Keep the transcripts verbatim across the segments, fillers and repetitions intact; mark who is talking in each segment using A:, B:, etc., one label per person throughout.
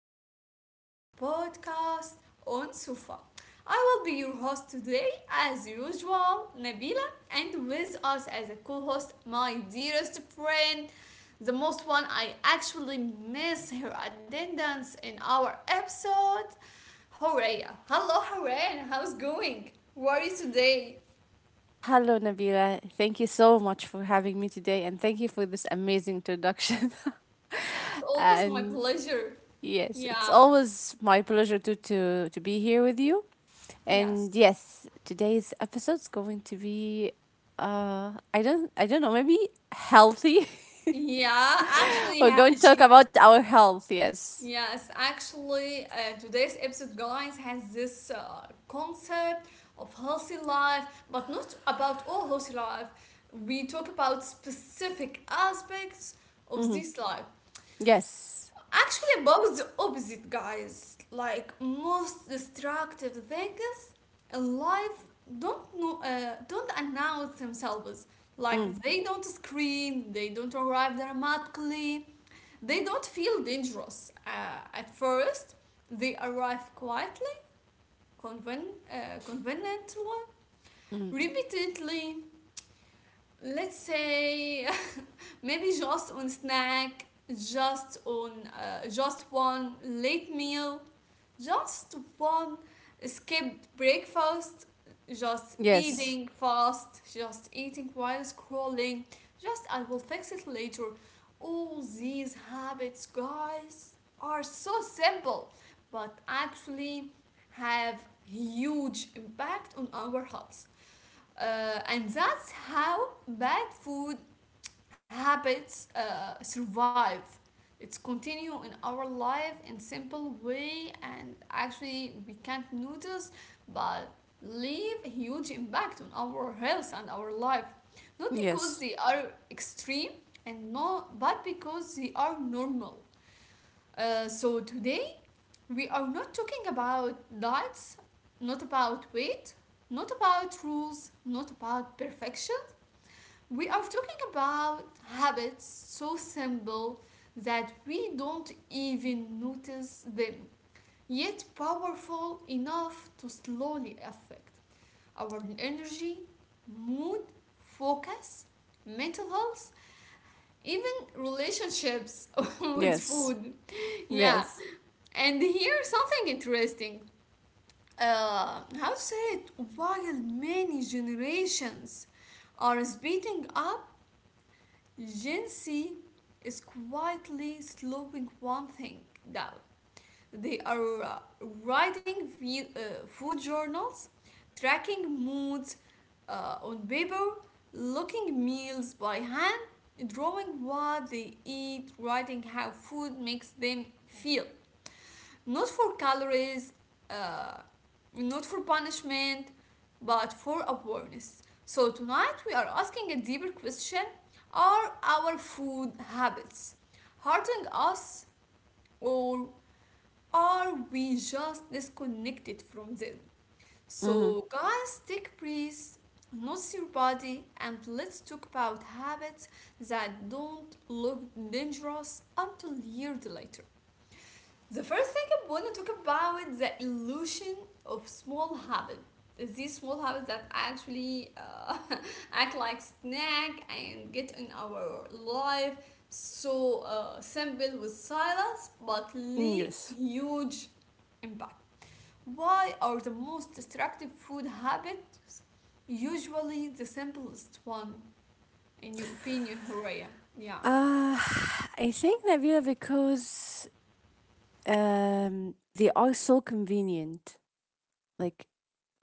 A: episode of our podcast on Sufa. I will be your host today, as usual, Nabila, and with us as a co host, my dearest friend, the most one I actually miss her attendance in our episode, Horea. Hello, Horea, and how's going? How are you today?
B: Hello, Nabila. Thank you so much for having me today, and thank you for this amazing introduction.
A: It's always my
B: And
A: pleasure.
B: yes, it's
A: Yeah,
B: always my pleasure to, to, to be here with you. And
A: yes.
B: yes, today's episode's going to be uh I don't I don't know, maybe healthy.
A: Yeah, actually,
B: We're
A: ha-
B: going to talk
A: she
B: about our health, yes.
A: yes, actually, uh, today's episode, guys, has this uh, concept of healthy life, but not about all healthy life. We talk about specific aspects of
B: Mm-hmm.
A: this life.
B: Yes.
A: Actually, about the opposite, guys, like most destructive things alive don't know uh, don't announce themselves. Like
B: Mm,
A: they don't scream, they don't arrive dramatically, they don't feel dangerous uh, at first, they arrive quietly, conven- uh, conveniently,
B: mm.
A: repeatedly. Let's say maybe just on snack, just on uh, just one late meal. Just one skipped breakfast, just
B: Yes.
A: eating fast, just eating while scrolling, just I will fix it later. All these habits, guys, are so simple, but actually have huge impact on our health. Uh, and that's how bad food habits uh, survive. It's continue in our life in simple way, and actually we can't notice, but leave huge impact on our health and our life, not because
B: Yes.
A: they are extreme and no, but because they are normal. Uh, so today we are not talking about diets, not about weight, not about rules, not about perfection. We are talking about habits so simple that we don't even notice them, yet powerful enough to slowly affect our energy, mood, focus, mental health, even relationships with
B: Yes.
A: food. Yeah,
B: Yes.
A: and here's something interesting. Uh, how to say it? While many generations are speeding up, Gen Z is quietly slowing one thing down. They are uh, writing ve- uh, food journals, tracking moods uh, on paper, looking meals by hand, drawing what they eat, writing how food makes them feel. Not for calories, uh, not for punishment, but for awareness. So, tonight we are asking a deeper question. Are our food habits hurting us, or are we just disconnected from them?
B: Mm-hmm.
A: So, guys, take a breath, notice your body, and let's talk about habits that don't look dangerous until years later. The first thing I want to talk about is the illusion of small habits. These small habits that actually uh, act like snack and get in our life so uh, simple with silence, but
B: Mm,
A: leave
B: Yes.
A: huge impact. Why are the most destructive food habits usually the simplest one? In your opinion, Horea? Yeah.
B: Uh, I think, Nabila, because um they are so convenient. Like,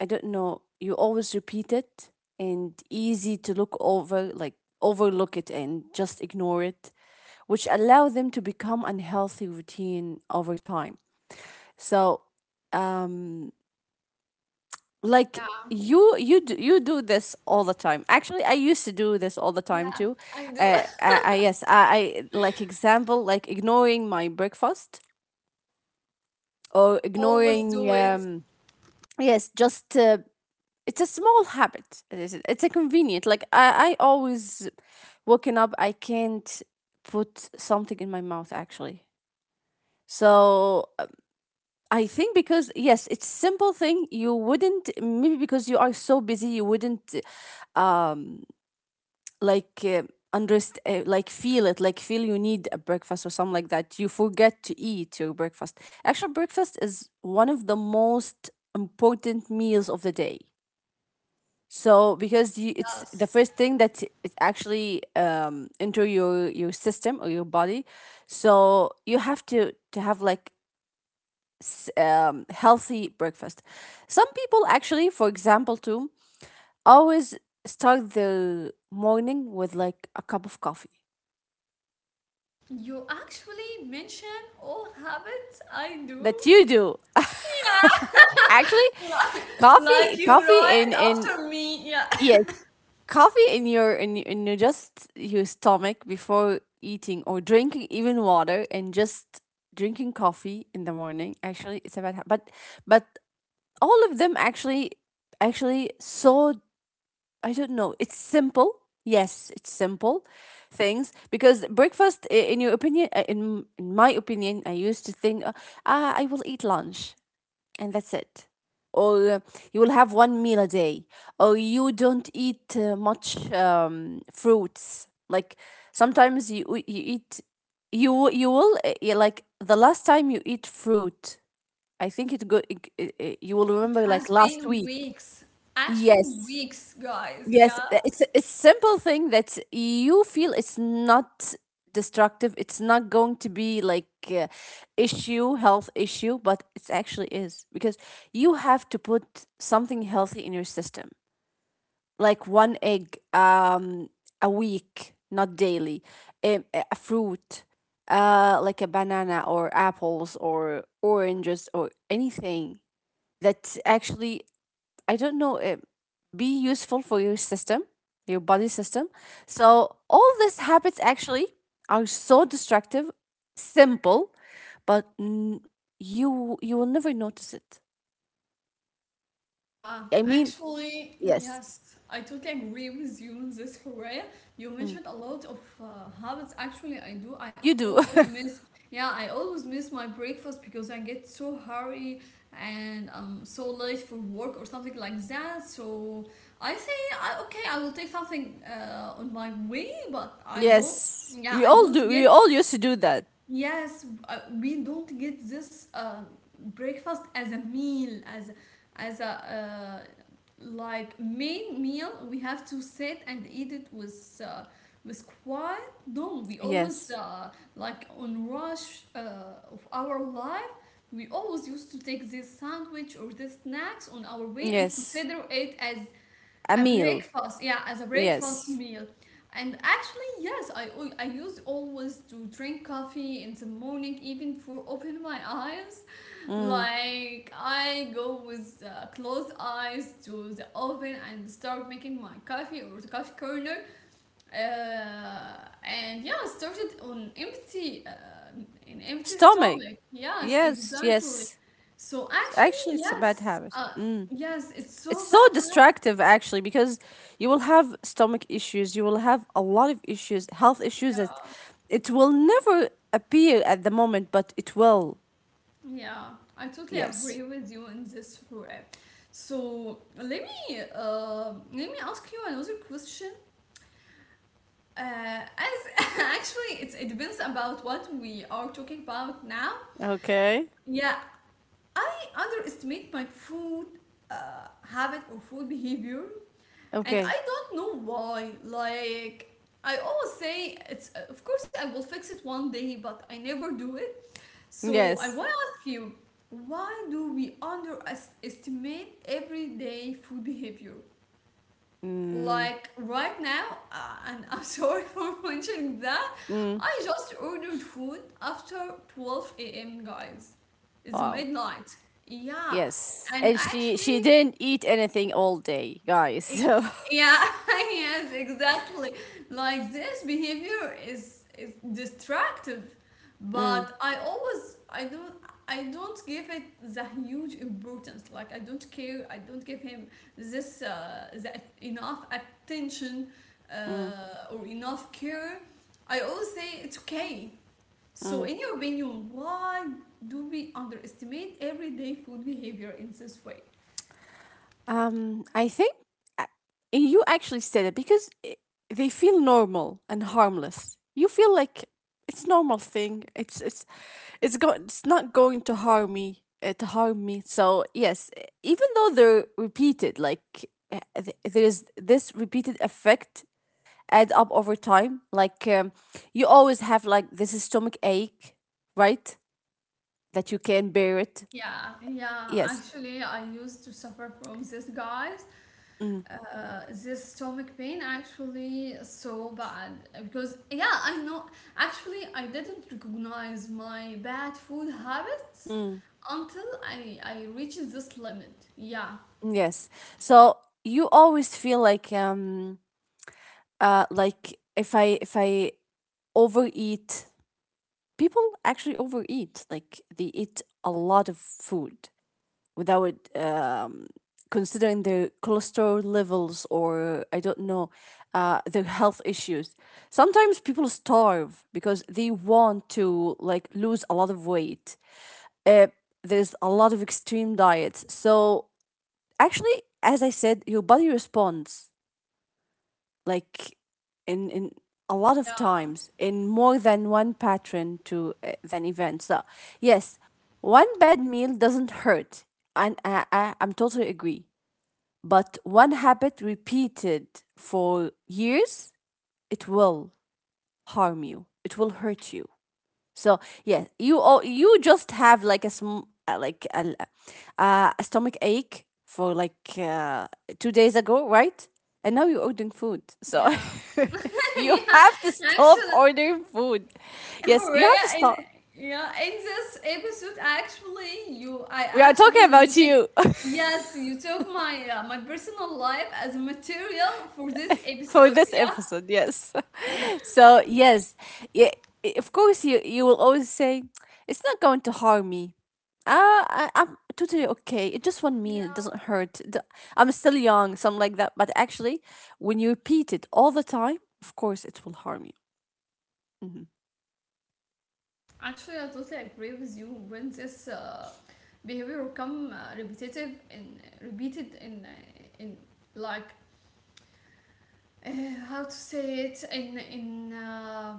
B: I don't know, you always repeat it and easy to look over, like overlook it and just ignore it, which allow them to become unhealthy routine over time. So, um like
A: Yeah.
B: you you do, you do this all the time. Actually, I used to do this all the time
A: Yeah.
B: too.
A: I do.
B: uh, I, I yes, I, I like, example, like ignoring my breakfast, or
A: Always
B: ignoring,
A: do it.
B: um yes, just, uh, it's a small habit, it is- it's a convenient, like i i always waking up, i can't put something in my mouth actually. So, uh, I think, because yes, it's simple thing. You wouldn't, maybe because you are so busy, you wouldn't like, uh, underst- uh, like feel it, like feel you need a breakfast or something like that. You forget to eat your breakfast. Actually, breakfast is one of the most important meals of the day. So, because you, it's the
A: Yes.
B: first thing that it actually um enter your your system, or your body. So you have to to have, like, s- um, healthy breakfast. Some people actually, for example, too, always start their morning with like a cup of coffee
A: You actually mention all habits I
B: that
A: do.
B: you do. Actually,
A: Yeah.
B: coffee
A: Like you
B: coffee
A: right
B: in in
A: after me. Yeah.
B: yes, coffee in your, in y- in your, just your stomach before eating or drinking even water, and just drinking coffee in the morning. Actually, it's a bad habit. But but all of them, actually actually so, I don't know. It's simple. Yes, it's simple things, because breakfast, i- in your opinion, uh, in, in my opinion, I used to think, uh, ah, I will eat lunch, and that's it. Or, uh, you will have one meal a day, or you don't eat uh, much, um, fruits. Like, sometimes you you eat, you you will, uh, yeah, like, the last time you eat fruit, I think it go, it, it, it- you will
A: It
B: remember, like,
A: has
B: last
A: been
B: week.
A: weeks. Actually,
B: Yes.
A: weeks, guys.
B: Yes,
A: Yeah.
B: uh, it's a a simple thing that you feel it's not destructive. It's not going to be like, uh, issue, health issue, but it actually is, because you have to put something healthy in your system, like one egg, um a week, not daily, um, a, a fruit, uh like a banana, or apples, or oranges, or anything that actually, I don't know, uh, be useful for your system, your body system. So all these habits actually are so destructive, simple, but, n- you you will never notice it.
A: Yeah,
B: I mean,
A: actually,
B: yes,
A: yes, I totally agree with you on this, Horea. You
B: mm,
A: mentioned a lot of uh, habits. Actually, I do. I
B: you do.
A: always miss, yeah, I always miss my breakfast because I get so hurry and I'm so late for work or something like that. So I say, I, okay, I will take something uh, on my way, but I don't,
B: Yes,
A: yeah,
B: we
A: I
B: all
A: don't
B: do.
A: get
B: We all used to do that.
A: yes, uh, we don't get this uh, breakfast as a meal, as as a uh, like main meal. We have to sit and eat it with uh, with quiet. No, we always
B: Yes,
A: uh, like on rush uh, of our life. We always used to take this sandwich or this snacks on our way and
B: yes,
A: consider it as
B: a
A: a
B: meal.
A: breakfast, yeah, as a breakfast
B: Yes,
A: meal. And actually, yes, I al- I used always to drink coffee in the morning, even for open my eyes.
B: mm.
A: Like I go with uh, closed eyes to the oven and start making my coffee or the coffee corner. Uh, and yeah, started on empty, uh, an empty
B: Stomach.
A: stomach. Yes,
B: Yes,
A: exactly.
B: yes.
A: So actually,
B: Actually, it's a bad
A: yes,
B: habit.
A: uh,
B: Mm.
A: yes, it's
B: It's
A: so
B: so
A: bad habit.
B: distractive actually, because you will have stomach issues, you will have a lot of issues, health issues,
A: Yeah.
B: that it will never appear at the moment, but it will.
A: Yeah, I totally
B: Yes.
A: agree with you in this way. So let me uh, let me ask you another question. Uh, as actually, it's, it depends about what we are talking about now.
B: Okay.
A: Yeah, I underestimate my food uh, habit or food behavior, and
B: Okay.
A: I don't know why. Like I always say, it's of course I will fix it one day, but I never do it. So I
B: Yes.
A: want to ask you, why do we underestimate everyday food behavior?
B: Mm.
A: Like right now, uh, and I'm sorry for mentioning that,
B: Mm.
A: I just ordered food after twelve a m, guys. It's
B: Wow.
A: midnight. Yeah,
B: Yes.
A: and
B: And she she
A: actually,
B: didn't eat anything all day, guys.
A: E-
B: So,
A: yeah, yes, exactly. Like this behavior is is destructive, but
B: Mm.
A: I always I don't I don't give it the huge importance. Like I don't care. I don't give him this uh, the at- enough attention
B: Mm.
A: uh, or enough care. I always say it's okay. So,
B: Mm.
A: in your opinion, why do we underestimate everyday food behavior in this way?
B: Um, I think, uh, you actually said it because, i- they feel normal and harmless. You feel like it's normal thing. It's it's it's go- it's not going to harm me uh, to harm me. So yes, e- even though they're repeated, like, uh, th- there's this repeated effect, add up over time. Like, um, you always have like this stomach ache, right? That you can bear it.
A: Yeah, yeah.
B: Yes.
A: Actually, I used to suffer from this, guys.
B: Mm.
A: Uh, this stomach pain actually so bad, because yeah, I know. Actually, I didn't recognize my bad food habits
B: Mm.
A: until I I reached this limit. Yeah,
B: Yes. So you always feel like, um uh like, if I if I overeat, people actually overeat. Like, they eat a lot of food without um considering their cholesterol levels, or I don't know, uh their health issues. Sometimes people starve because they want to, like, lose a lot of weight. Uh, there's a lot of extreme diets. So actually, as I said, your body responds, like, in in a lot of
A: yeah,
B: times, in more than one pattern to, uh, than event. So yes, one bad meal doesn't hurt, and I, I I'm totally agree. But one habit repeated for years, it will harm you. It will hurt you. So yeah, you all you just have, like, a sm- uh, like a, uh, a stomach ache for like, uh, two days ago, right? And now you're ordering food, so
A: yeah,
B: you
A: yeah.
B: have to stop
A: Actually,
B: ordering food. Yes, you
A: Hooray!
B: have to
A: In
B: stop.
A: Yeah, in this episode, actually, you I
B: We are
A: actually
B: talking
A: you
B: about
A: take,
B: you.
A: yes, you took my uh, my personal life as material for this
B: For
A: episode.
B: this
A: Yeah.
B: episode, yes. So yes, yeah, i- of course you you will always say, it's not going to harm me. Ah, I, i'm totally okay, it just one
A: Yeah,
B: meal, it doesn't hurt. D- I'm still young, something like that. But actually, when you repeat it all the time, of course it will harm you. Mhm.
A: actually, I totally agree with you when this uh, behavior come uh, repetitive and repeated in uh, in like uh, how to say it in in. Uh,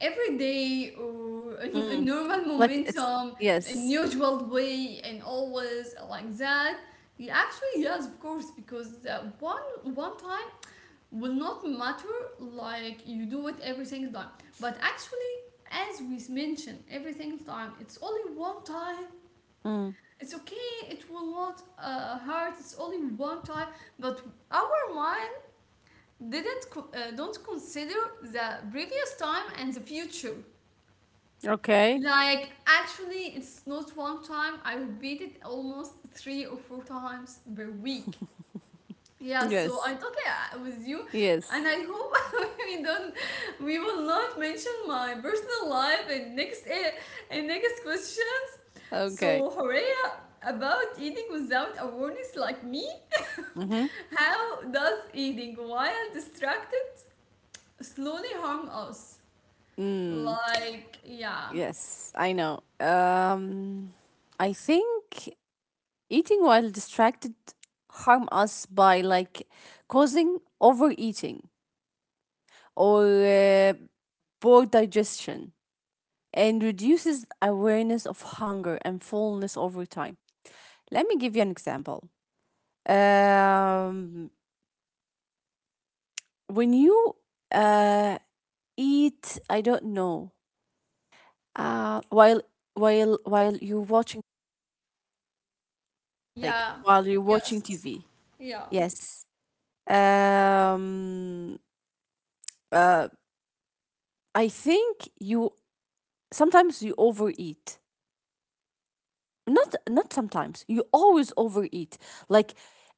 A: Every day or a, a
B: Mm.
A: normal
B: Like, it's,
A: momentum, in
B: yes.
A: usual way, and always like that. Yeah, actually, yes, of course, because uh, one one time will not matter, like you do it every single time. But actually, as we mentioned, every single time, it's only one time.
B: Mm.
A: It's okay. It will not uh, hurt. It's only one time. But our mind didn't co- uh, don't consider the previous time and the future.
B: Okay.
A: Like, actually, it's not one time. I repeat it almost three or four times per week. Yeah, so I'm
B: Yes,
A: talking uh, with you, and
B: yes.
A: I hope we don't, we will not mention my personal life in next uh, in next questions.
B: Okay.
A: So, Horea, about eating without awareness like me,
B: Mm-hmm.
A: how does eating while distracted slowly harm us?
B: Mm.
A: Like, yeah.
B: Yes, I know. um I think, eating while distracted harm us by, like, causing overeating, or, uh, poor digestion, and reduces awareness of hunger and fullness over time. Let me give you an example. Um, when you, uh, eat, I don't know, uh, while while while you're watching, like
A: Yeah.
B: while you're watching
A: Yes.
B: T V.
A: Yeah.
B: Yes. Um, uh, I think you sometimes you overeat, not not sometimes, you always overeat. Like,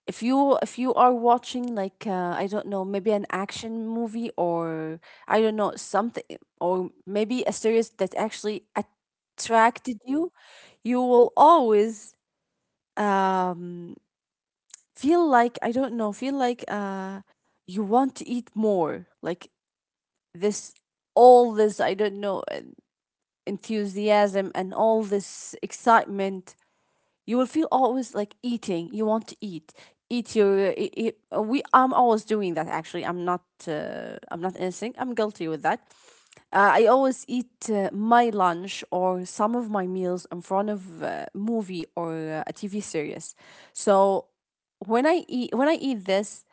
B: if you if you are watching, like, uh, I don't know, maybe an action movie, or, I don't know, something, or maybe a series that actually attracted you. You will always um feel like, I don't know, feel like, uh you want to eat more, like this, all this, I don't know, uh, enthusiasm, and all this excitement. You will feel always like eating. You want to eat. Eat your. It, it, we. I'm always doing that. Actually, I'm not. Uh, I'm not innocent. I'm guilty with that. Uh, I always eat, uh, my lunch, or some of my meals in front of a movie, or, uh, a T V series. So when I eat, when I eat this,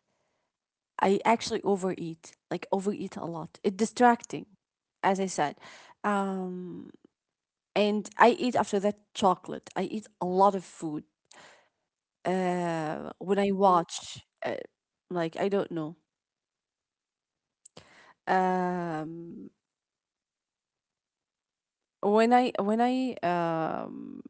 B: I actually overeat. Like, overeat a lot. It's distracting, as I said. Um, and I eat after that chocolate. I eat a lot of food. Uh when I, Mm. watch, uh, like, I don't know, um when I when I um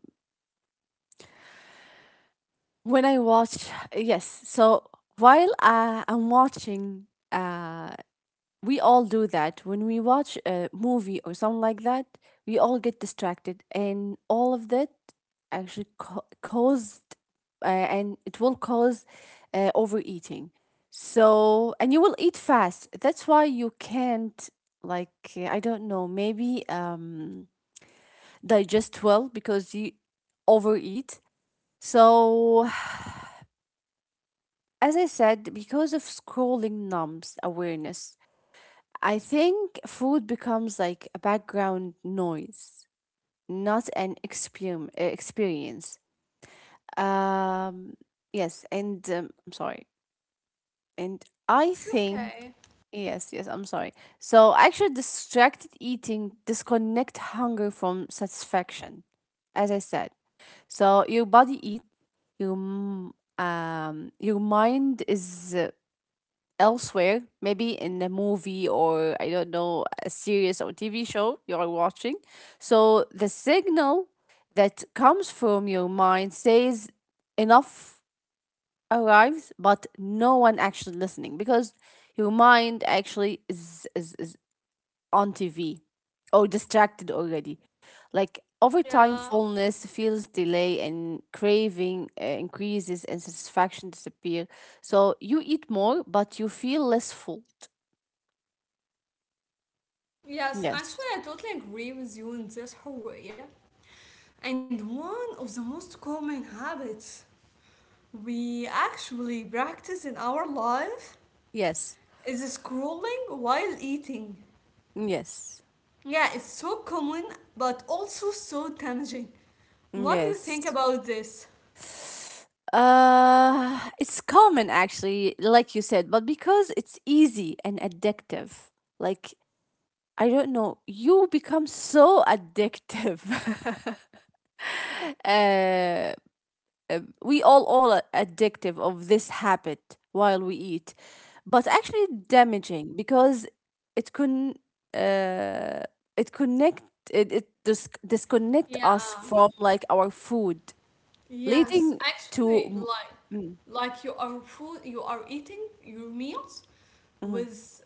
B: when I watch, yes, so while, uh, I'm watching, uh we all do that when we watch a movie or something like that. We all get distracted, and all of that actually, ca- caused, uh, and it will cause, uh, overeating. So, and you will eat fast, that's why you can't, like, I don't know, maybe um digest well, because you overeat. So, as I said, because of scrolling numbs awareness, I think food becomes like a background noise, not an experim- uh, experience. Um, yes, and, um, I'm sorry. And I
A: It's
B: think,
A: okay.
B: yes, yes, I'm sorry. So actually, distracted eating disconnect hunger from satisfaction, as I said. So your body eat, your m- um, your mind is, uh, elsewhere, maybe in a movie, or, I don't know, a series, or T V show you're watching. So the signal that comes from your mind says enough arrives, but no one actually listening, because your mind actually is, is, is on T V, or distracted already. Like, over time,
A: Yeah.
B: fullness feels delay, and craving, uh, increases, and satisfaction disappear. So you eat more, but you feel less full.
A: Yes,
B: Yes.
A: actually, I totally agree with you in this, Hurriya. And one of the most common habits we actually practice in our life
B: Yes.
A: is scrolling while eating.
B: Yes.
A: Yeah, it's so common, but also so damaging. What do you think
B: Yes.
A: about this?
B: Uh, it's common actually, like you said, but because it's easy and addictive. Like, I don't know, you become so addictive. uh, we all all are addictive of this habit while we eat. But actually damaging, because it can, uh, it connect it, it dis- disconnect
A: Yeah.
B: us from, like, our food,
A: Yes,
B: leading to,
A: actually,
B: mm,
A: like
B: mm,
A: like you are food, you are eating your meals
B: mhm.
A: with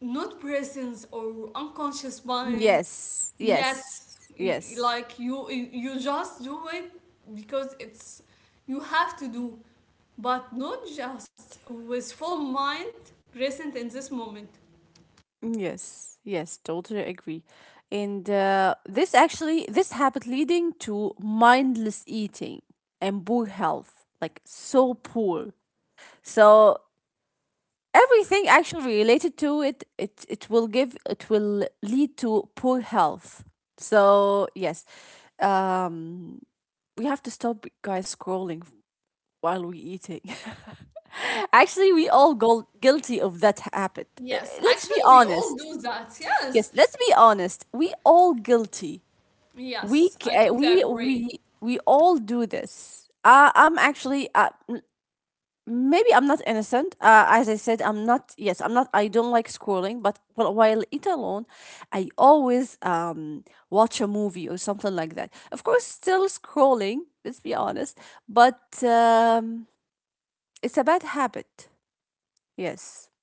A: not presence or unconscious mind.
B: Yes, yes,
A: Yes, you,
B: yes,
A: like you you you just do it, because it's you have to do, but not just with full mind present in this moment.
B: mm, yes, yes, totally agree. And, uh, this actually this habit leading to mindless eating, and poor health, like, so poor. So everything actually related to it, it it will give it will lead to poor health. So yes, um, we have to stop, guys, scrolling while we eating. Actually, we all go guilty of that habit. Uh,
A: Yes,
B: Let's
A: actually,
B: be
A: we all
B: honest.
A: do that.
B: Yes,
A: Yes,
B: let's be honest. We all guilty. We
A: yes,
B: c-
A: I
B: uh,
A: totally
B: we
A: agree.
B: we we all do this. Uh, I'm actually, uh, maybe I'm not innocent. Uh, as I said, I'm not. Yes, I'm not. I don't like scrolling, but while while it alone, I always um watch a movie, or something like that. Of course, still scrolling. Let's be honest, but, um, it's a bad habit. Yes.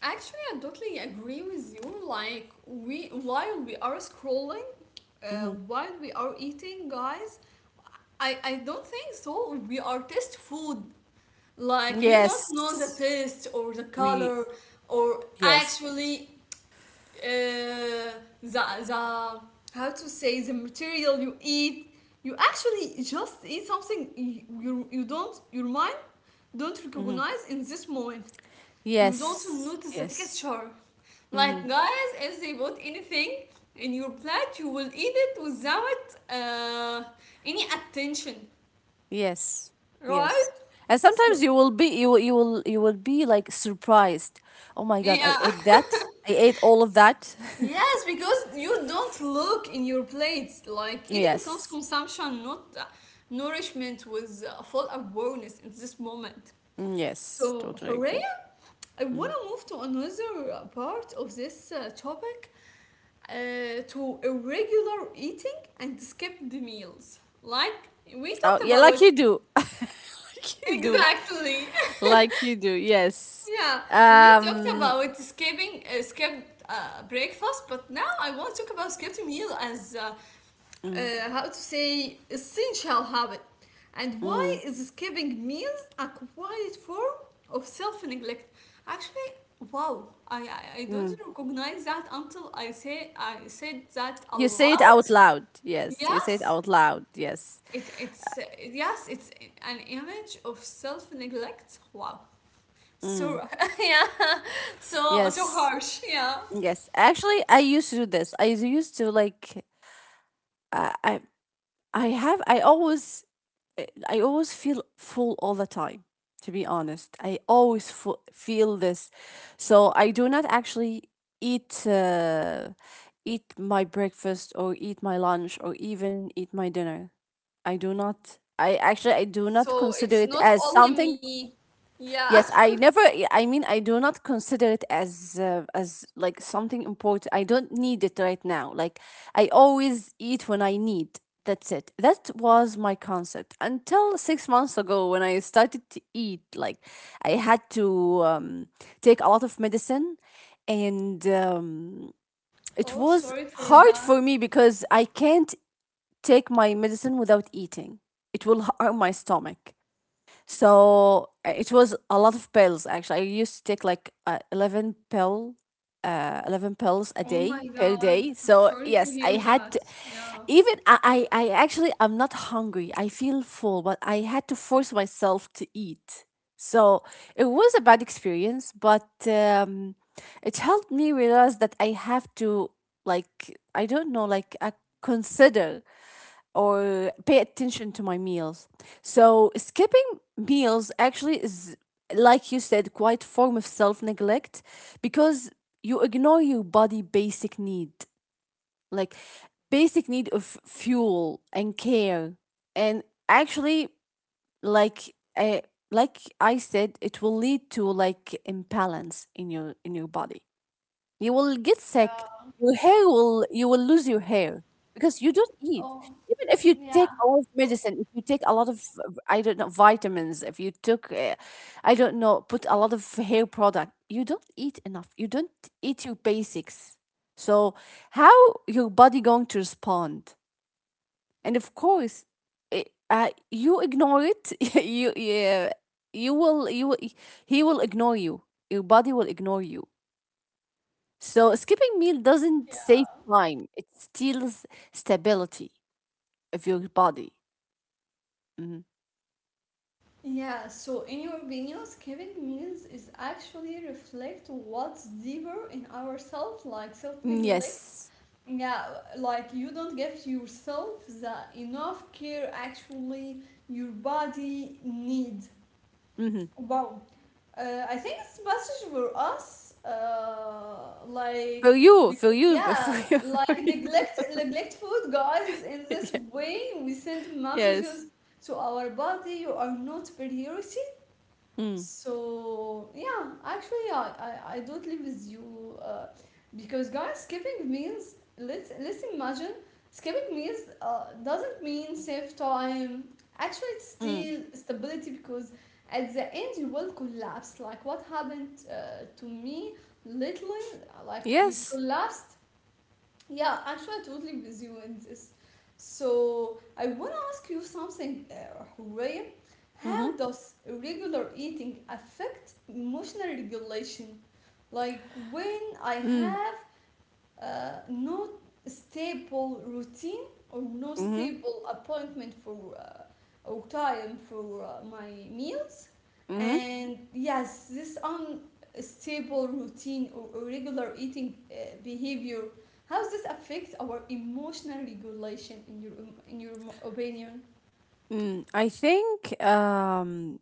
A: Actually, I totally agree with you. Like we, while we are scrolling, uh,
B: Hmm.
A: while we are eating, guys, I I don't think so. We are taste food. Like you don't know the
B: Yes.
A: taste or the
B: We.
A: color or
B: Yes.
A: actually uh, the the how to say the material you eat, you actually just eat something, you, you, don't your mind don't
B: Hmm.
A: recognize in this moment. You don't
B: Yes.
A: notice the
B: Yes.
A: texture. Like
B: Mhm.
A: guys, if they put anything in your plate, you will eat it without uh, any attention,
B: Yes, yes.
A: right?
B: And sometimes,
A: So
B: you will be you will you will you will be like surprised. Oh my God, I
A: yeah,
B: ate that. I ate all of that.
A: yes, because you don't look in your plates. Like eating becomes
B: Yes.
A: consumption, not uh, nourishment with uh, full awareness in this moment.
B: Mm, yes,
A: So,
B: totally agree.
A: Horea, I want
B: Mm.
A: to move to another uh, part of this uh, topic, uh, to irregular eating and skipped meals. Like we
B: Oh,
A: talked
B: yeah, like
A: about,
B: you do. Like you do.
A: exactly.
B: Like you do. Yes.
A: Yeah, we talked
B: Um
A: about skipping uh, skipped uh, breakfast, but now I want to talk about skipped meal as uh,
B: mm,
A: uh, how to say essential habit, and
B: mm,
A: why is skipping meals a quiet form of self-neglect? Actually, wow, I, I i don't
B: mm.
A: recognize that until i say I said that
B: You say it
A: aloud.
B: out loud. Yes, you say it
A: Yes,
B: out loud. Yes.
A: it, it's uh, yes, it's an image of self-neglect. Wow.
B: Mm.
A: So yeah, so so
B: Yes.
A: harsh, yeah.
B: Yes. Actually, I used to do this. I used to like, uh, I I have I always eh, I always feel full all the time, to be honest. I always fu- feel this. So I do not actually eat uh, eat my breakfast or eat my lunch or even eat my dinner. I do not I actually I do not
A: So
B: consider
A: it's
B: it
A: not
B: as
A: only
B: something.
A: me, yeah.
B: Yes, I never. I mean, I do not consider it as uh, as like something important. I don't need it right now. Like, I always eat when I need. That's it. That was my concept until six months ago when I started to eat. Like, I had to um, take a lot of medicine, and um,
A: Oh,
B: it was
A: sorry for
B: hard
A: that.
B: for me because I can't take my medicine without eating. It will harm my stomach. So uh, it was a lot of pills actually. I used to take like, uh, eleven pill uh eleven pills a
A: Oh my
B: day, per
A: god,
B: day.
A: I'm
B: So
A: sorry to
B: yes,
A: hear
B: I had
A: that.
B: to,
A: Yeah.
B: even I, I I actually I'm not hungry. I feel full, but I had to force myself to eat. So it was a bad experience, but um it helped me realize that I have to, like, I don't know, like, I consider or pay attention to my meals. So skipping meals actually is, like you said, quite form of self neglect, because you ignore your body basic need, like basic need of fuel and care, and actually, like, uh, like I said, it will lead to like imbalance in your in your body. You will get sick.
A: Yeah.
B: Your hair will you will lose your hair because you don't eat.
A: Oh,
B: Even if you take
A: yeah.
B: a lot of medicine, if you take a lot of uh, I don't know, vitamins, if you took, uh, I don't know, put a lot of hair product, you don't eat enough. You don't eat your basics. So how your body going to respond? And of course, it, uh, you ignore it. you yeah, you will you will, he will ignore you. Your body will ignore you. So skipping meal doesn't save
A: Yeah.
B: time. It steals stability of your body. Mhm.
A: Yeah. So, in your opinion, skipping meals is actually reflect what's deeper in ourselves, like
B: Mm.
A: self-neglect.
B: Yes.
A: Yeah, like you don't give yourself the enough care actually your body needs.
B: Hmm.
A: Wow. Uh, I think it's best for us, uh,
B: For
A: like,
B: you, for
A: neg-
B: you, but
A: yeah,
B: for you,
A: like
B: for you.
A: neglect neglect food, guys. In this
B: Yeah.
A: way, we send messages
B: Yes.
A: to our body. You are not priority.
B: Mm.
A: So yeah, actually, I, I, I do live with you uh, because guys, skipping means, let's let's imagine, skipping means uh, doesn't mean save time. Actually, it's
B: Mm.
A: still stability, because at the end you will collapse. Like what happened uh, to me lately, like you
B: Yes.
A: collapsed, yeah, actually, I totally with you in this. So, I want to ask you something, uh, Hooray. How
B: Mm-hmm.
A: does regular eating affect emotional regulation? Like, when I
B: Mm.
A: have uh, no stable routine or no
B: Mm-hmm.
A: stable appointment for uh, or time for uh, my meals
B: Mm-hmm.
A: and yes this unstable routine or irregular eating uh, behavior how does this affect our emotional regulation in your in your mo- opinion
B: Mm. I think um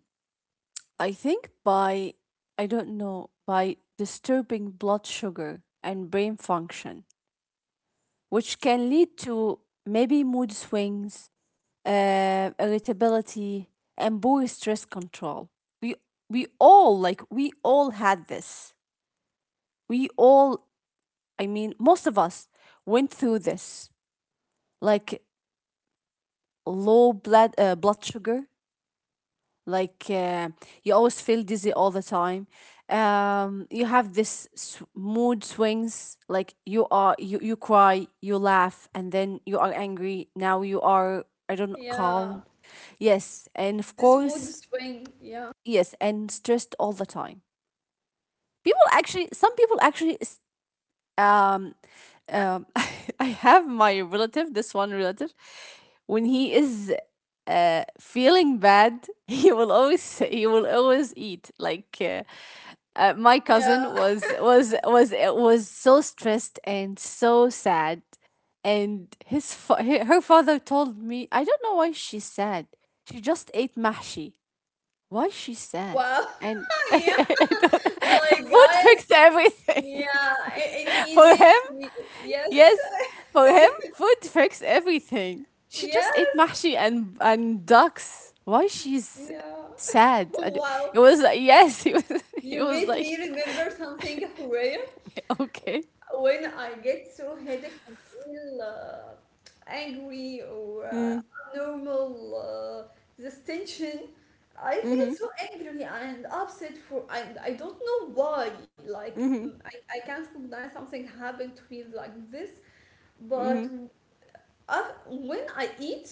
B: I think by, I don't know, by disturbing blood sugar and brain function, which can lead to maybe mood swings, uh, irritability, and poor stress control. We we all like we all had this. We all, I mean, most of us went through this, like low blood uh, blood sugar. Like, uh, you always feel dizzy all the time. Um, you have this s- mood swings. Like, you are, you you cry, you laugh, and then you are angry. Now you are, I don't know,
A: Yeah,
B: calm. Yes, and of
A: this mood
B: course,
A: swing. Yeah,
B: yes, and stressed all the time. People actually, some people actually s- um, um, I have my relative, this one relative, when he is, uh, feeling bad, he will always he will always eat. Like, uh, uh, my
A: yeah.
B: cousin was was was uh, was so stressed and so sad, and his fa- he- her father told me, I don't know why she's sad. She just ate mahshi. Why she's sad?
A: Wow.
B: And
A: Yeah,
B: I don't-
A: like
B: food
A: guys,
B: fixed everything
A: yeah, i- in
B: for him.
A: Egypt, we, yes.
B: Yes, for him, food fixes everything. She
A: Yeah,
B: just ate mahshi and and ducks. Why she's
A: yeah.
B: sad? I d-
A: Wow,
B: It was like, yes, he was he
A: you
B: was
A: made
B: like
A: me remember something, Horea.
B: okay.
A: When I get so headache and feel uh, angry or uh,
B: Mm.
A: abnormal, uh, this tension, I
B: Mm-hmm.
A: feel so angry and upset for, and I don't know why. Like,
B: Mm-hmm.
A: mm, I, I can't recognize something happened to feel like this, but
B: Mm-hmm.
A: Uh, when I eat,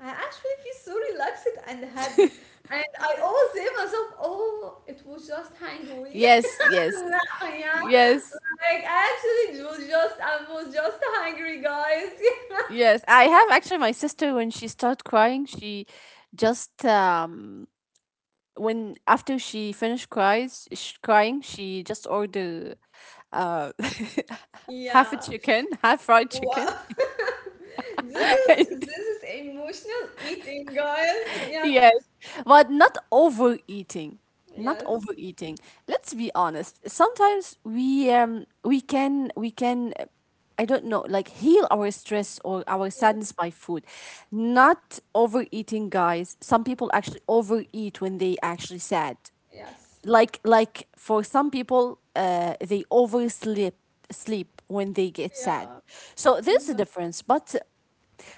A: I actually feel so relaxed and happy. And I always say myself, oh, it was just hungry.
B: Yes, yes,
A: No, yeah.
B: yes,
A: Like, actually, it was just, I was just hungry, guys.
B: yes. I have actually my sister, when she started crying, she just um when after she finished cries sh crying, she just ordered uh half a
A: Yeah.
B: chicken, half fried
A: Wow.
B: chicken.
A: This is,
B: Right.
A: this is emotional eating, guys. Yeah.
B: Yes. But not overeating. Not
A: Yes.
B: overeating. Let's be honest. Sometimes we um we can we can uh, I don't know, like, heal our stress or our
A: Yes.
B: sadness by food. Not overeating, guys. Some people actually overeat when they actually sad.
A: Yes.
B: Like like, for some people, uh they oversleep sleep when they get sad.
A: Yeah.
B: So there's a
A: Exactly.
B: difference, but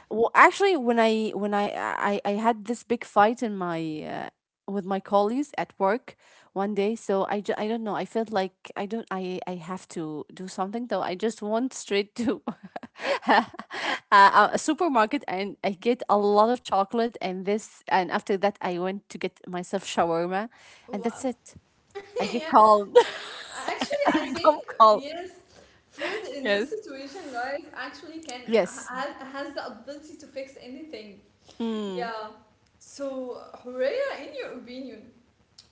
B: well, actually, when I when I I, I had this big fight in my uh, with my colleagues at work one day. So I, ju- I don't know. I felt like I don't I I have to do something, though. I just went straight to a, a supermarket, and I get a lot of chocolate and this, and after that I went to get myself shawarma, and that's
A: Wow.
B: it. I get
A: Yeah.
B: calm.
A: Actually,
B: I
A: I
B: become
A: think
B: calm.
A: yes, food in this
B: Yes.
A: situation, guys, actually can
B: Yes.
A: ha- has the ability to fix anything.
B: Mm,
A: Yeah. So, Horea, in your opinion,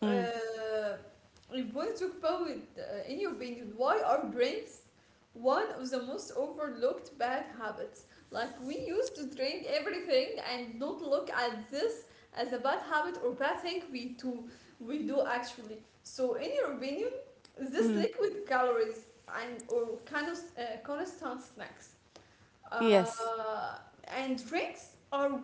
B: mm,
A: uh, we want to talk about, uh, in your opinion, why are drinks one of the most overlooked bad habits? Like we used to drink everything and not look at this as a bad habit or bad thing we do we do actually. So, in your opinion, this
B: mm.
A: liquid calories and or kind of uh, constant snacks uh,
B: Yes.
A: and drinks are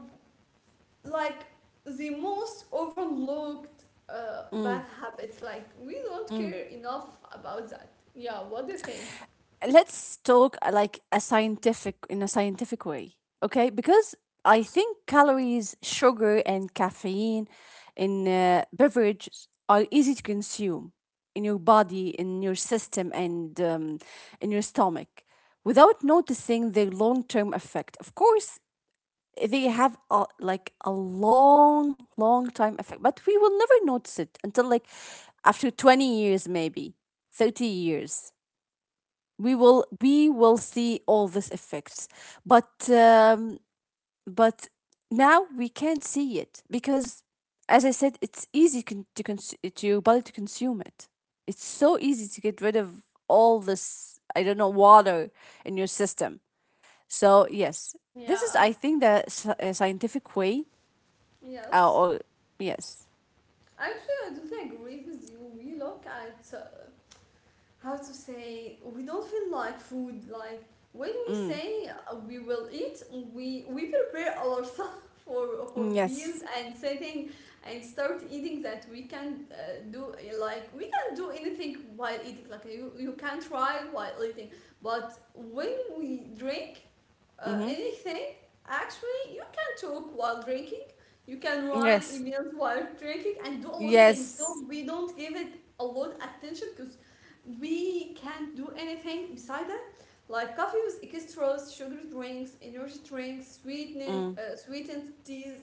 A: like the most overlooked uh,
B: Mm,
A: bad habits. Like we don't
B: mm.
A: care enough about that. Yeah, what do you think?
B: Let's talk, uh, like a scientific in a scientific way, okay? Because I think calories, sugar and caffeine in, uh, beverages are easy to consume in your body, in your system, and, um, in your stomach without noticing their long-term effect. Of course they have, a, like a long, long time effect, but we will never notice it until like after twenty years, maybe thirty years, we will we will see all these effects. But, um, but now we can't see it, because, as I said, it's easy con- to cons- to your body to consume it. It's so easy to get rid of all this, I don't know, water in your system. So yes, this is,
A: Yeah.
B: I think, the sci- uh, scientific way. Uh,
A: Yes.
B: or yes.
A: Actually, I do agree with you. We look at uh, how to say we don't feel like food, like when we
B: Mm.
A: say uh, we will eat we we prepare ourselves for for
B: Mm,
A: meals
B: yes.
A: and setting and start eating that we can uh, do uh, like we can do anything while eating, like you, you can try while eating, but when we drink uh,
B: Mm-hmm.
A: anything, actually you can talk while drinking, you can write
B: Yes,
A: emails while drinking and do a lot of things, so
B: yes.
A: we don't give it a lot of attention because we can't do anything beside that, like coffee with extras, sugar drinks, energy drinks, sweetened
B: Mm.
A: uh, sweetened teas.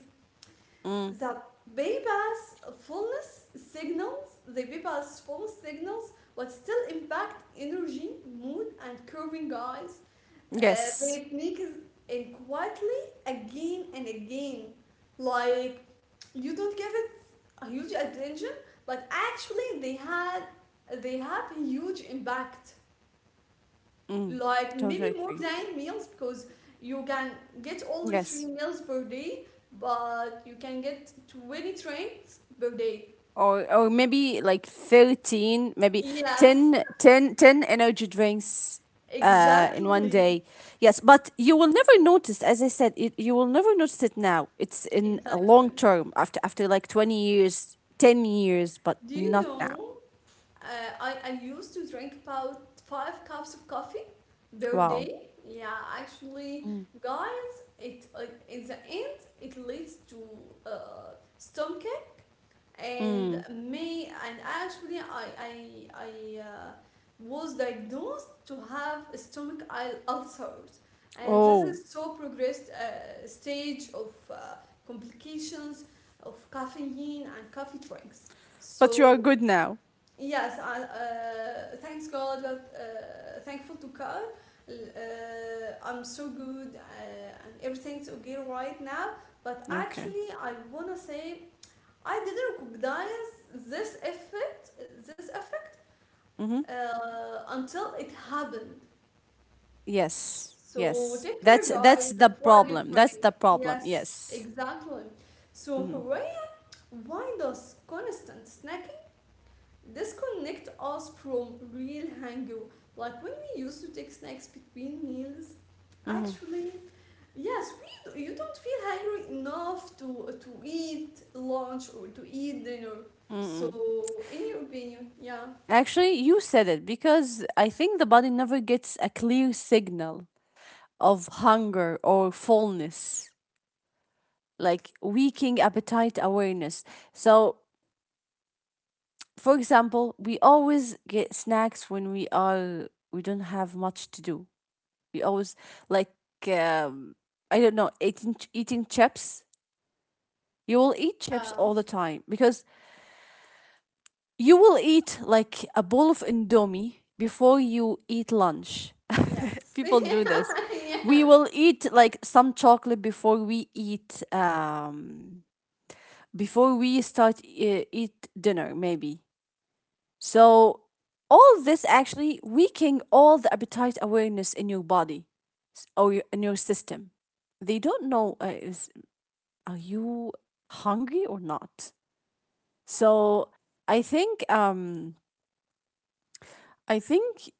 B: Mm.
A: The bypass fullness signals, the bypass full signals, but still impact energy, mood and curving eyes. uh,
B: Yes.
A: they sneak in quietly again and again. Like, you don't give it a huge attention, but actually they had they have a huge impact.
B: Mm.
A: Like
B: Totally
A: maybe more
B: agree.
A: than meals because you can get only three
B: Yes.
A: meals per day, but you can get twenty trains per day.
B: Or or maybe like thirteen, maybe
A: Yes,
B: ten, ten, ten energy drinks uh in one
A: exactly,
B: day. Yes, but you will never notice, as I said, it, you will never notice it now. It's in a long
A: exactly.
B: term, after after like twenty years, ten years, but
A: Do you
B: not now.
A: know? Uh, I, I used to drink about five cups of coffee per
B: Wow.
A: day. Yeah, actually,
B: Mm.
A: guys, it uh, in the end it leads to uh, stomach and
B: Mm.
A: me, and actually I I I uh, was diagnosed to have stomach al- ulcers, and this
B: Oh,
A: is so progressed uh, stage of uh, complications of caffeine and coffee drinks.
B: but you are
A: So
B: good now.
A: yes, I, uh, thanks God that, Uh, thankful to God. Uh, I'm so good uh, and everything's okay right now. But
B: Okay.
A: actually, I wanna say I didn't recognize this effect, this effect,
B: Mm-hmm.
A: uh, until it happened.
B: Yes.
A: So
B: Yes.
A: take care,
B: That's
A: guys,
B: that's the
A: of what you
B: problem. That's
A: drink.
B: the problem.
A: Yes,
B: Yes.
A: exactly. So
B: Mm-hmm.
A: Hooray, why does constant snack disconnect us from real hunger? Like when we used to take snacks between meals,
B: Mm-hmm.
A: actually, yes, we, you don't feel hungry enough to to eat lunch or to eat dinner. So,
B: Mm-hmm.
A: in your opinion, yeah,
B: Actually, you said it, because I think the body never gets a clear signal of hunger or fullness, like weakening appetite awareness. So, for example, we always get snacks when we are we don't have much to do. We always, like, um, I don't know, eating eating chips. You will eat chips
A: yeah,
B: all the time, because you will eat like a bowl of Indomie before you eat lunch.
A: yes,
B: People do this. We
A: yes,
B: will eat like some chocolate before we eat um before we start uh, eat dinner maybe. So all this actually weakening all the appetite awareness in your body, s- or your- in your system. They don't know, uh, is are you hungry or not. So I think um I think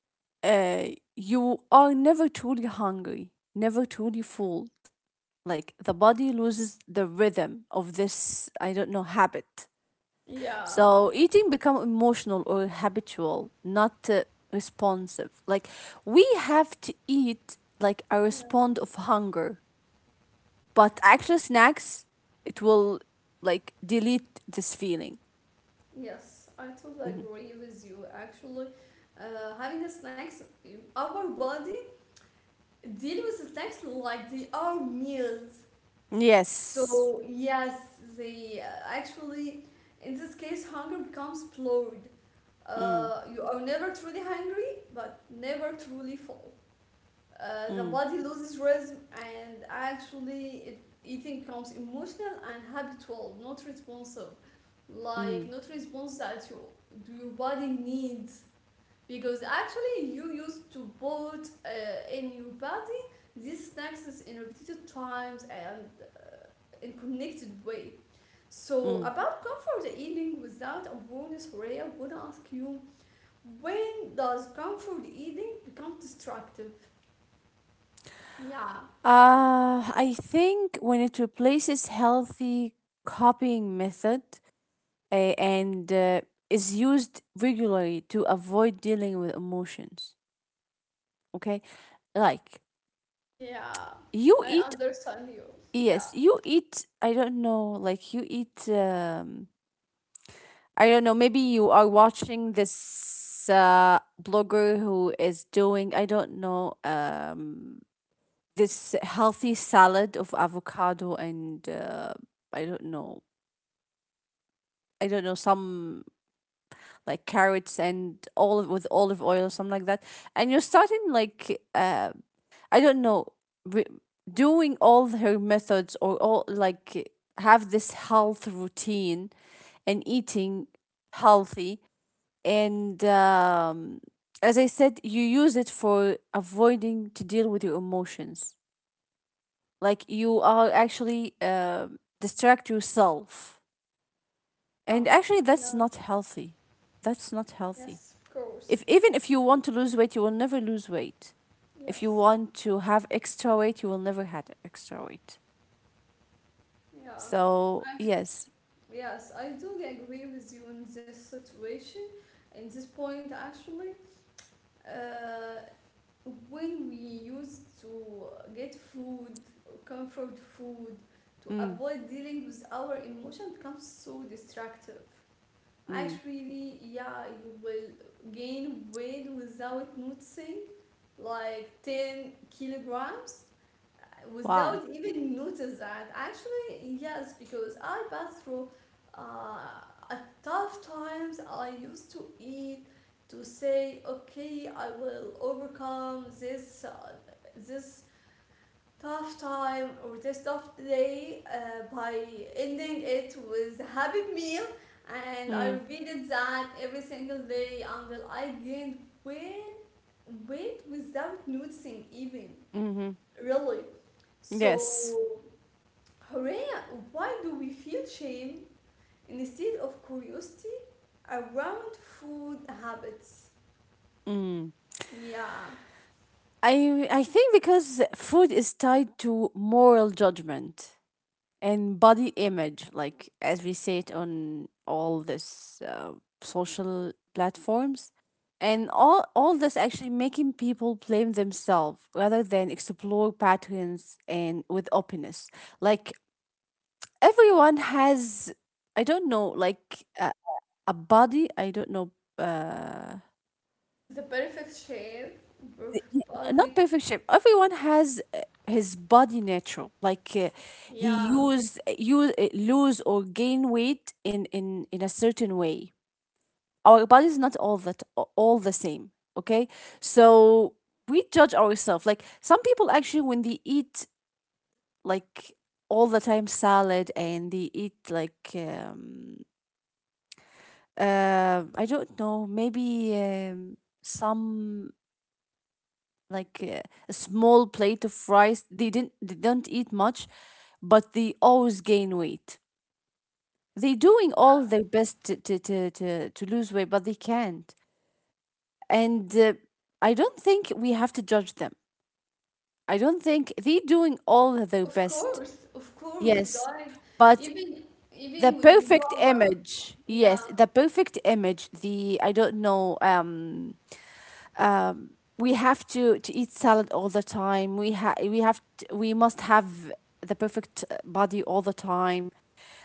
B: uh, you are never truly hungry, never truly full. Like, the body loses the rhythm of this, I don't know, habit.
A: yeah,
B: So eating become emotional or habitual, not, uh, responsive. Like, we have to eat like a
A: yeah,
B: respond of hunger, but actual snacks, it will, like, delete this feeling.
A: yes. I totally
B: Mhm.
A: agree with you. Actually, uh, having the snacks, our body deal with the snacks like they are meals. So
B: Yes.
A: yes, they uh, actually, in this case, hunger becomes blurred.
B: Mm,
A: Uh, you are never truly hungry, but never truly full. Uh, the
B: mm,
A: body loses rhythm, and actually, it, eating becomes emotional and habitual, not responsive. Like
B: mm,
A: not response that you, your body needs, because actually you used to put uh, in your body these snacks in repeated times and in connected way. So
B: mm.
A: about comfort eating without awareness, Horea, would ask you, when does comfort eating become destructive? Yeah,
B: Uh, I think when it replaces healthy copying method, uh, and uh, is used regularly to avoid dealing with emotions, okay? Like,
A: yeah,
B: you
A: I
B: eat,
A: understand you. Yeah,
B: yes, you eat, I don't know, like, you eat, um, I don't know, maybe you are watching this, uh, blogger who is doing, I don't know, um, this healthy salad of avocado and, uh, I don't know, I don't know some, like, carrots and olive with olive oil or something like that, and you're starting like, uh, I don't know, re- doing all her methods, or all, like, have this health routine and eating healthy, and, um, as I said, you use it for avoiding to deal with your emotions. Like, you are actually, uh, distract yourself. And
A: yeah,
B: actually, that's
A: yeah.
B: not healthy. That's not healthy.
A: Yes, of course.
B: If even if you want to lose weight, you will never lose weight. If you
A: Yes,
B: want to have extra weight, you will never have extra weight.
A: yeah,
B: So yes.
A: yes. I do agree with you in this situation, in this point actually. Uh, when we used to get food, comfort food, to
B: Mm,
A: avoid dealing with our emotion becomes so destructive.
B: mm,
A: Actually, yeah, you will gain weight without noticing, like ten kilograms
B: wow,
A: without even notice that. Actually, yes, because I passed through uh, a tough times. I used to eat to say, okay, I will overcome this uh, this tough time or this tough day uh, by ending it with a happy meal. And I
B: mm,
A: repeated that every single day until I gained weight, weight without noticing even.
B: mm-hmm.
A: Really?
B: Yes.
A: So, Horea, why do we feel shame instead of curiosity around food habits?
B: Mm.
A: Yeah,
B: I I think because food is tied to moral judgment and body image, like as we say it on all this, uh, social platforms, and all all this actually making people blame themselves rather than explore patterns and with openness. Like, everyone has, I don't know, like, a, a body, I don't know, uh
A: the perfect shape,
B: Y-
A: perfect
B: y- not
A: body.
B: perfect shape. Everyone has, uh, his body natural. Like, uh, he
A: Yeah,
B: use you lose or gain weight in in in a certain way. Our body is not all that a- all the same. Okay, so we judge ourselves. Like, some people actually, when they eat like all the time salad, and they eat like, um uh I don't know, maybe, um, some, like, uh, a small plate of rice. They didn't they don't eat much, but they always gain weight. They're doing
A: yeah.
B: all their best to to to to, to lose weight, but they can't. And uh, I don't think we have to judge them. I don't think they're doing all their
A: Of
B: best.
A: course, of course,
B: Yes,
A: guys.
B: but
A: Even
B: the
A: even when we do
B: perfect
A: our,
B: image.
A: yeah,
B: Yes, the perfect image. The I don't know. Um um, we have to, to eat salad all the time. We ha- we have t we must have the perfect uh, body all the time.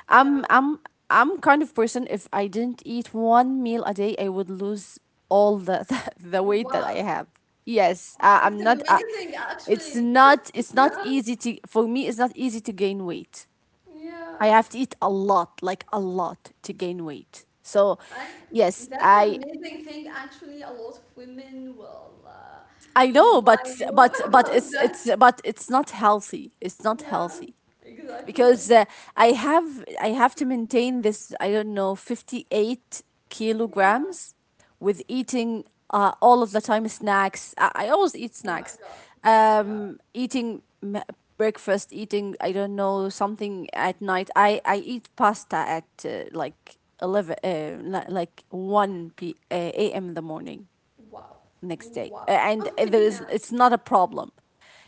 B: I'm
A: yeah.
B: I'm I'm kind of person if I didn't eat one meal a day, I would lose all the the, weight that I
A: Wow,
B: have. Yes, I,
A: it's
B: I'm not. I,
A: amazing,
B: It's
A: actually.
B: not. It's
A: Yeah,
B: not easy to for me. It's not easy to gain weight.
A: yeah.
B: I have to eat a lot, like a lot, to gain weight. So,
A: I,
B: yes,
A: that's
B: I
A: amazing thing. Actually, a lot of women will uh,
B: I know,
A: invite
B: but
A: you
B: but but
A: about
B: it's
A: that.
B: it's but it's not healthy. It's not
A: Yeah,
B: healthy
A: exactly.
B: because uh, I have I have to maintain this. I don't know fifty eight
A: Yeah.
B: kilograms with eating uh, all of the time snacks. I, I always eat
A: Oh my
B: snacks.
A: God. Yeah.
B: Um, eating m- breakfast, eating I don't know something at night. I I eat pasta at uh, like eleven, uh, li- like one p uh, a m in the morning
A: Wow.
B: next day
A: Wow.
B: Uh, and there
A: Yeah.
B: is it's not a problem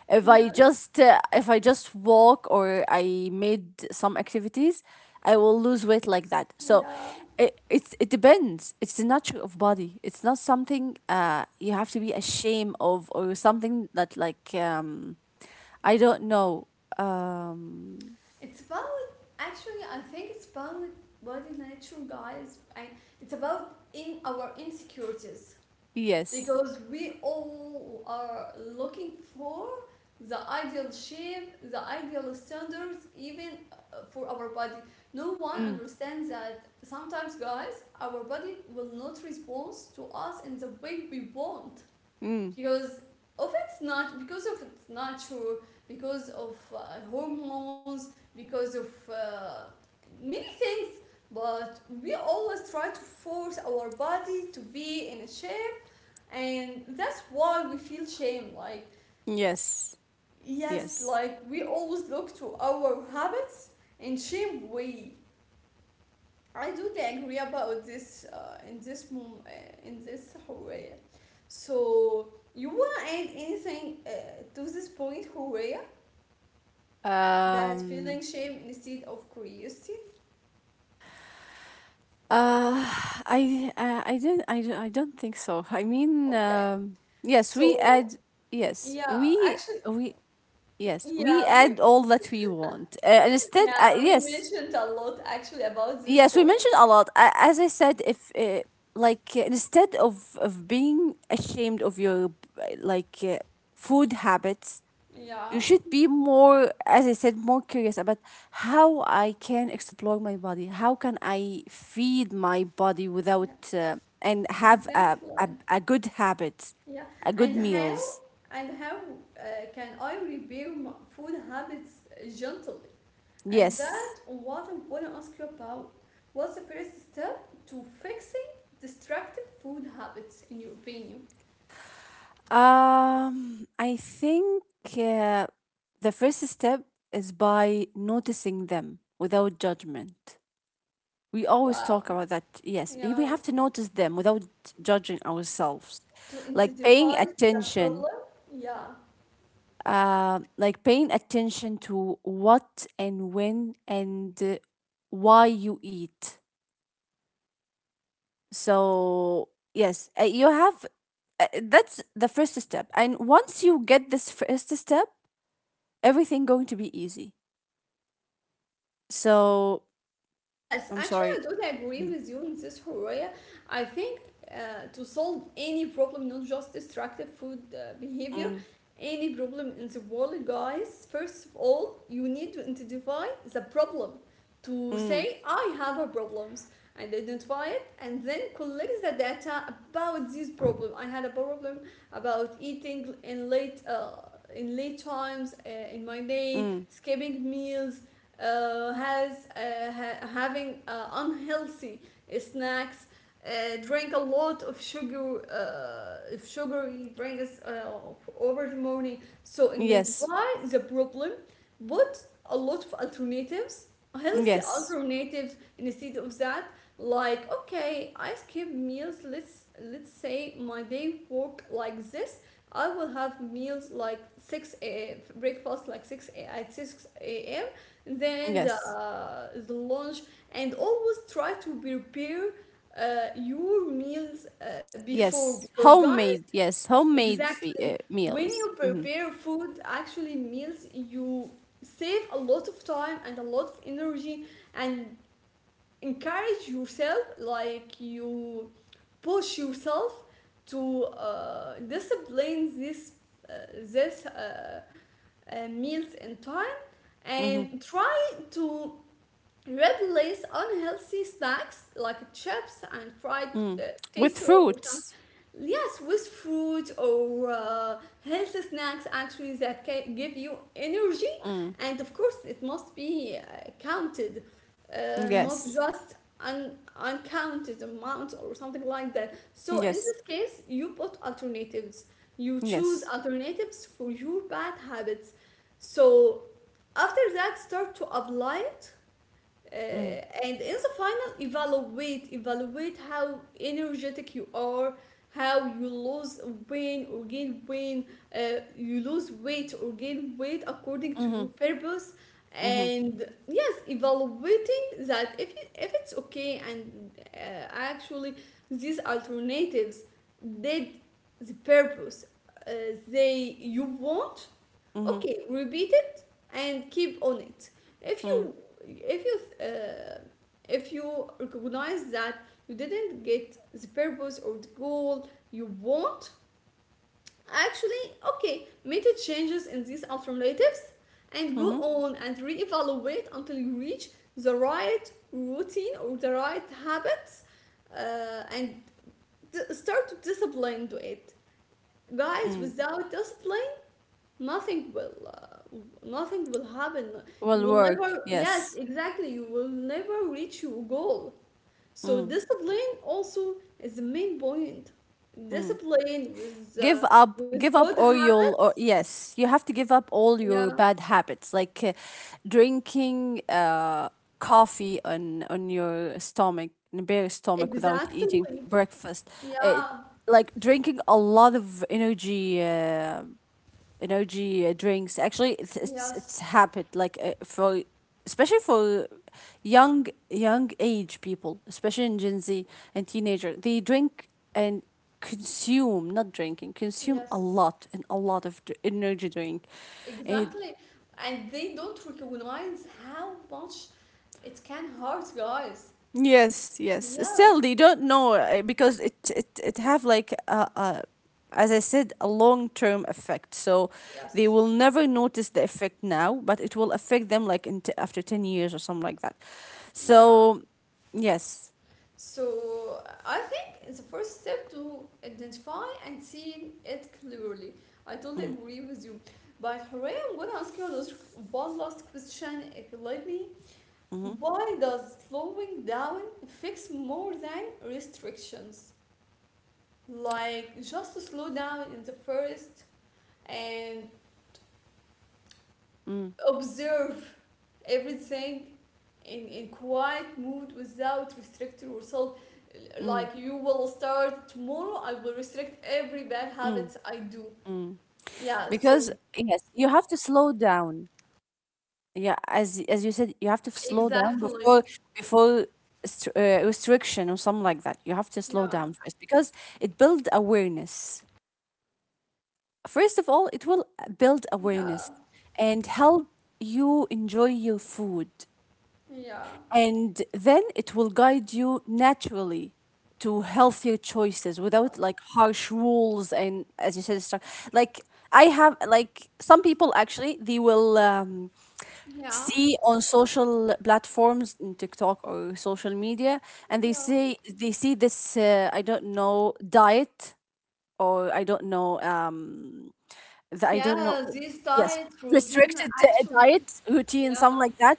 B: if i
A: Yes.
B: just uh, if I just walk or I made some activities I will lose weight like that. So
A: Yeah.
B: it, it's it depends. It's the nature of body. It's not something uh you have to be ashamed of or something that like um I don't know. um
A: It's about, actually. I think it's about body nature, guys. I, it's about in our insecurities,
B: yes
A: because we all are looking for the ideal shape, the ideal standards, even uh, for our body. No one
B: mm,
A: understands that sometimes, guys, our body will not respond to us in the way we want
B: mm,
A: because of, it's not because of its nature, because of uh, hormones, because of uh, many things. But we always try to force our body to be in a shape, and that's why we feel shame. Like
B: yes
A: yes,
B: yes
A: like we always look to our habits in shame way. I do agree about this uh, in this mom- uh, in this, Horea. So you want to add anything uh, to this point, Horea? That feeling
B: um
A: shame instead of curiosity.
B: Uh, I uh, I didn't I, don't- I don't think so. I mean,
A: Okay.
B: um, yes, we
A: So
B: add yes,
A: yeah,
B: we
A: actually,
B: we yes, we
A: yeah, we,
B: add all that we want. Uh, and instead,
A: yeah,
B: uh,
A: we
B: yes,
A: mentioned a lot actually about this
B: yes, we
A: point.
B: mentioned a lot. A as I said, if uh, like uh, instead of of being ashamed of your uh, like uh, food habits, you
A: Yeah.
B: should be more, as I said, more curious about how I can explore my body, how can I feed my body without uh, and have a, a,
A: Exactly.
B: a good habit,
A: Yeah.
B: a good
A: And how
B: meals.
A: and how uh, can I repair my food habits uh, gently? And
B: yes
A: that what I want to ask you about. What's the first step to fixing destructive food habits in your opinion?
B: um I think uh, the first step is by noticing them without judgment. We always talk
A: Wow.
B: about that. Yes, we have
A: Yeah.
B: to notice them without judging ourselves,
A: To
B: like paying
A: identify the
B: attention,
A: problem. Yeah.
B: uh, like paying attention to what and when and uh, why you eat. So, yes, uh, you have, uh, that's the first step. And once you get this first step, everything going to be easy. So,
A: Yes,
B: I'm sorry.
A: actually, I totally agree
B: Mm,
A: with you in this, Horaya. I think uh, to solve any problem, not just destructive food uh, behavior,
B: mm,
A: any problem in the world, guys, first of all, you need to identify the problem. To
B: mm,
A: say, I have a problems and identify it, and then collect the data about this problem. I had a problem about eating in late, uh, in late times uh, in my day,
B: mm.
A: skipping meals, uh, has uh, ha- having uh, unhealthy snacks, uh, drink a lot of sugar, uh, of sugary drinks uh, over the morning. So
B: Yes.
A: identify the problem, but a lot of alternatives, healthy
B: Yes.
A: alternatives instead of that. Like okay, I skip meals, let's let's say my day work like this. I will have meals like six, a breakfast, like six, a, at six a m. Then the,
B: Yes.
A: uh, the lunch. And always try to prepare uh, your meals uh, before,
B: Yes.
A: because guys,
B: Homemade. Yes. Homemade fe-
A: exactly,
B: uh,
A: when you
B: meals. Mm-hmm.
A: prepare food, actually meals, you save a lot of time and a lot of energy, and encourage yourself, like you push yourself to uh, discipline this uh, this uh, uh, meals in time,
B: Mm-hmm.
A: and try to replace unhealthy snacks like chips and fried uh,
B: Mm. With
A: potato or something.
B: fruits.
A: Yes, with fruit or uh, healthy snacks actually that can give you energy.
B: Mm.
A: And of course, it must be uh, counted, uh, not
B: Yes.
A: just an uncounted amount or something like that. So in
B: Yes.
A: this case, you put alternatives. You choose
B: Yes.
A: alternatives for your bad habits. So after that, start to apply it, uh,
B: Mm.
A: and in the final evaluate evaluate how energetic you are, how you lose weight or gain weight, uh, you lose weight or gain weight according to
B: Mm-hmm.
A: your purpose.
B: Mm-hmm.
A: And yes, evaluating that, if, it, if it's okay, and uh, actually these alternatives did the purpose uh, they you want,
B: Mm-hmm.
A: okay, repeat and keep on it. if
B: Mm.
A: you if you uh, if you recognize that you didn't get the purpose or the goal you want, actually okay, make the changes in these alternatives and go
B: Mm-hmm.
A: on and reevaluate until you reach the right routine or the right habits, uh, and start to discipline to it. Guys,
B: Mm.
A: without discipline, nothing will uh, nothing will happen. You
B: Will
A: will never,
B: work.
A: yes
B: Yes.
A: exactly, you will never reach your goal. So
B: Mm.
A: discipline also is the main point,
B: Mm.
A: discipline with
B: Give
A: uh,
B: up.
A: with
B: Give
A: good
B: up all your.
A: habits.
B: Or, yes, you have to give up all
A: Yeah,
B: your bad habits, like uh, drinking uh coffee on on your stomach, in a bare stomach, without eating
A: exactly.
B: breakfast. Uh,
A: Yeah,
B: like drinking a lot of energy. Uh, energy uh, drinks. Actually, it's it's,
A: yes.
B: it's happened like uh, for especially for young young age people, especially in Gen Z and teenager, they drink and consume, not drinking, consume a
A: Yes,
B: lot and a lot of dr- energy drink, and
A: exactly. And they don't recognize how much it can hurt, guys.
B: yes, yes.
A: Yes,
B: Still, they don't know uh, because it it it have like a, a, as I said, a long term effect. So they
A: yes,
B: will never notice the effect now, but it will affect them like in t- after ten years or something like that.
A: yeah.
B: So yes.
A: So I think it's the first step to identify and see it clearly. I totally
B: Mm,
A: agree with you. But Hooray, I'm gonna ask you a one last question if you let me.
B: mm-hmm,
A: Why does slowing down fix more than restrictions? Like just to slow down in the first and
B: mm,
A: observe everything in, in quiet mood without restrict yourself,
B: mm,
A: like you will start tomorrow, I will restrict every bad
B: mm,
A: habits I do.
B: mm.
A: Yeah, so
B: Because yes, you have to slow down. Yeah, as as you said, you have to slow down before
A: exactly,
B: before str- uh, restriction or something like that. You have to slow
A: yeah,
B: down first because it builds awareness. First of all, it will uh, build
A: yeah,
B: awareness and help you enjoy your food,
A: yeah.
B: and then it will guide you naturally to healthier choices without
A: Wow.
B: like harsh rules, and as you said, stru- like I have like some people actually they will. Um,
A: Yeah,
B: see on social platforms, in TikTok or social media, and they
A: yeah,
B: say they see this uh, I don't know, diet or I don't know um the, I don't know,
A: yeah, this
B: yes
A: diet routine,
B: restricted uh,
A: actually,
B: diet routine,
A: yeah,
B: something like that,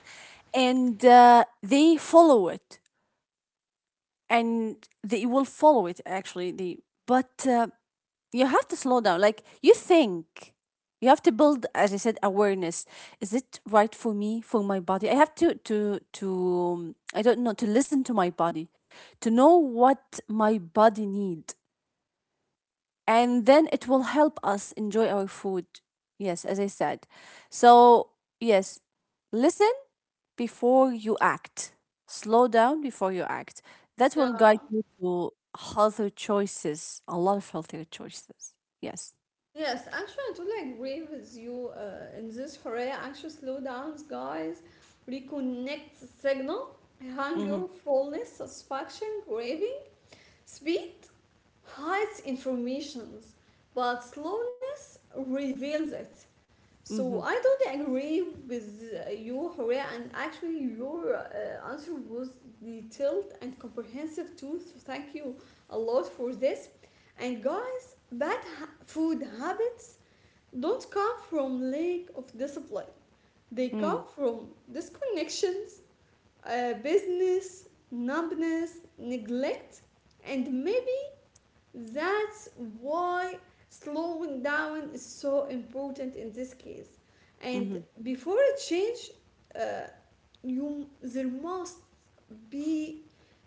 B: and uh, they follow it, and they will follow it actually, they but uh, you have to slow down, like you think, you have to build, as I said, awareness. Is it right for me, for my body? I have to to to, um, I don't know, to listen to my body, to know what my body need, and then it will help us enjoy our food, yes, as I said. So yes, listen before you act. Slow down before you act. That
A: yeah.
B: will guide you to healthier choices, a lot of healthier choices. Yes.
A: Yes, actually, I totally agree with you uh, in this, Hooray. Actually, slow downs, guys. Reconnect the signal. Hunger,
B: Mhm.
A: fullness, satisfaction, craving. Speed hides informations, but slowness reveals it. So
B: Mhm.
A: I totally agree with uh, you, Hooray, and actually, your uh, answer was detailed and comprehensive too. So thank you a lot for this. And guys, bad ha- food habits don't come from lack of discipline. They
B: Mm.
A: come from disconnections, uh, business, numbness, neglect, and maybe that's why slowing down is so important in this case. And
B: Mhm.
A: before a change, uh, you, there must be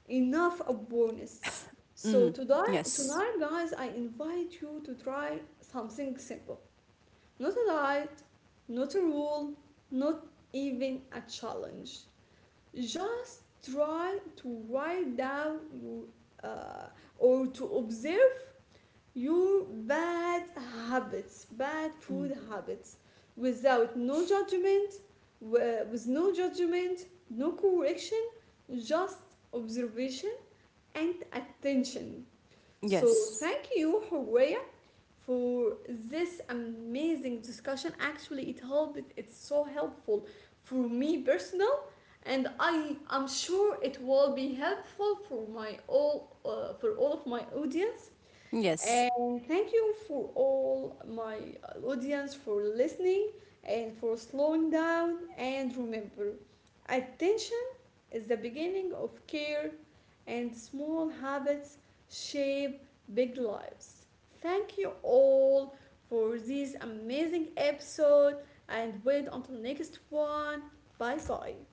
A: enough awareness. So
B: Mm.
A: today,
B: Yes.
A: tonight, guys, I invite you to try something simple, not a diet, not a rule, not even a challenge. Just try to write down your, uh, or to observe your bad habits, bad
B: Mm.
A: food habits, without no judgment, with no judgment, no correction, just observation and attention. So
B: Yes.
A: thank you, Horea, for this amazing discussion. Actually, it helped. It's so helpful for me personal, and I am sure it will be helpful for my all uh, for all of my audience.
B: Yes.
A: And thank you for all my audience for listening and for slowing down. And remember, attention is the beginning of care, and small habits shape big lives. Thank you all for this amazing episode, and wait until next one. Bye bye.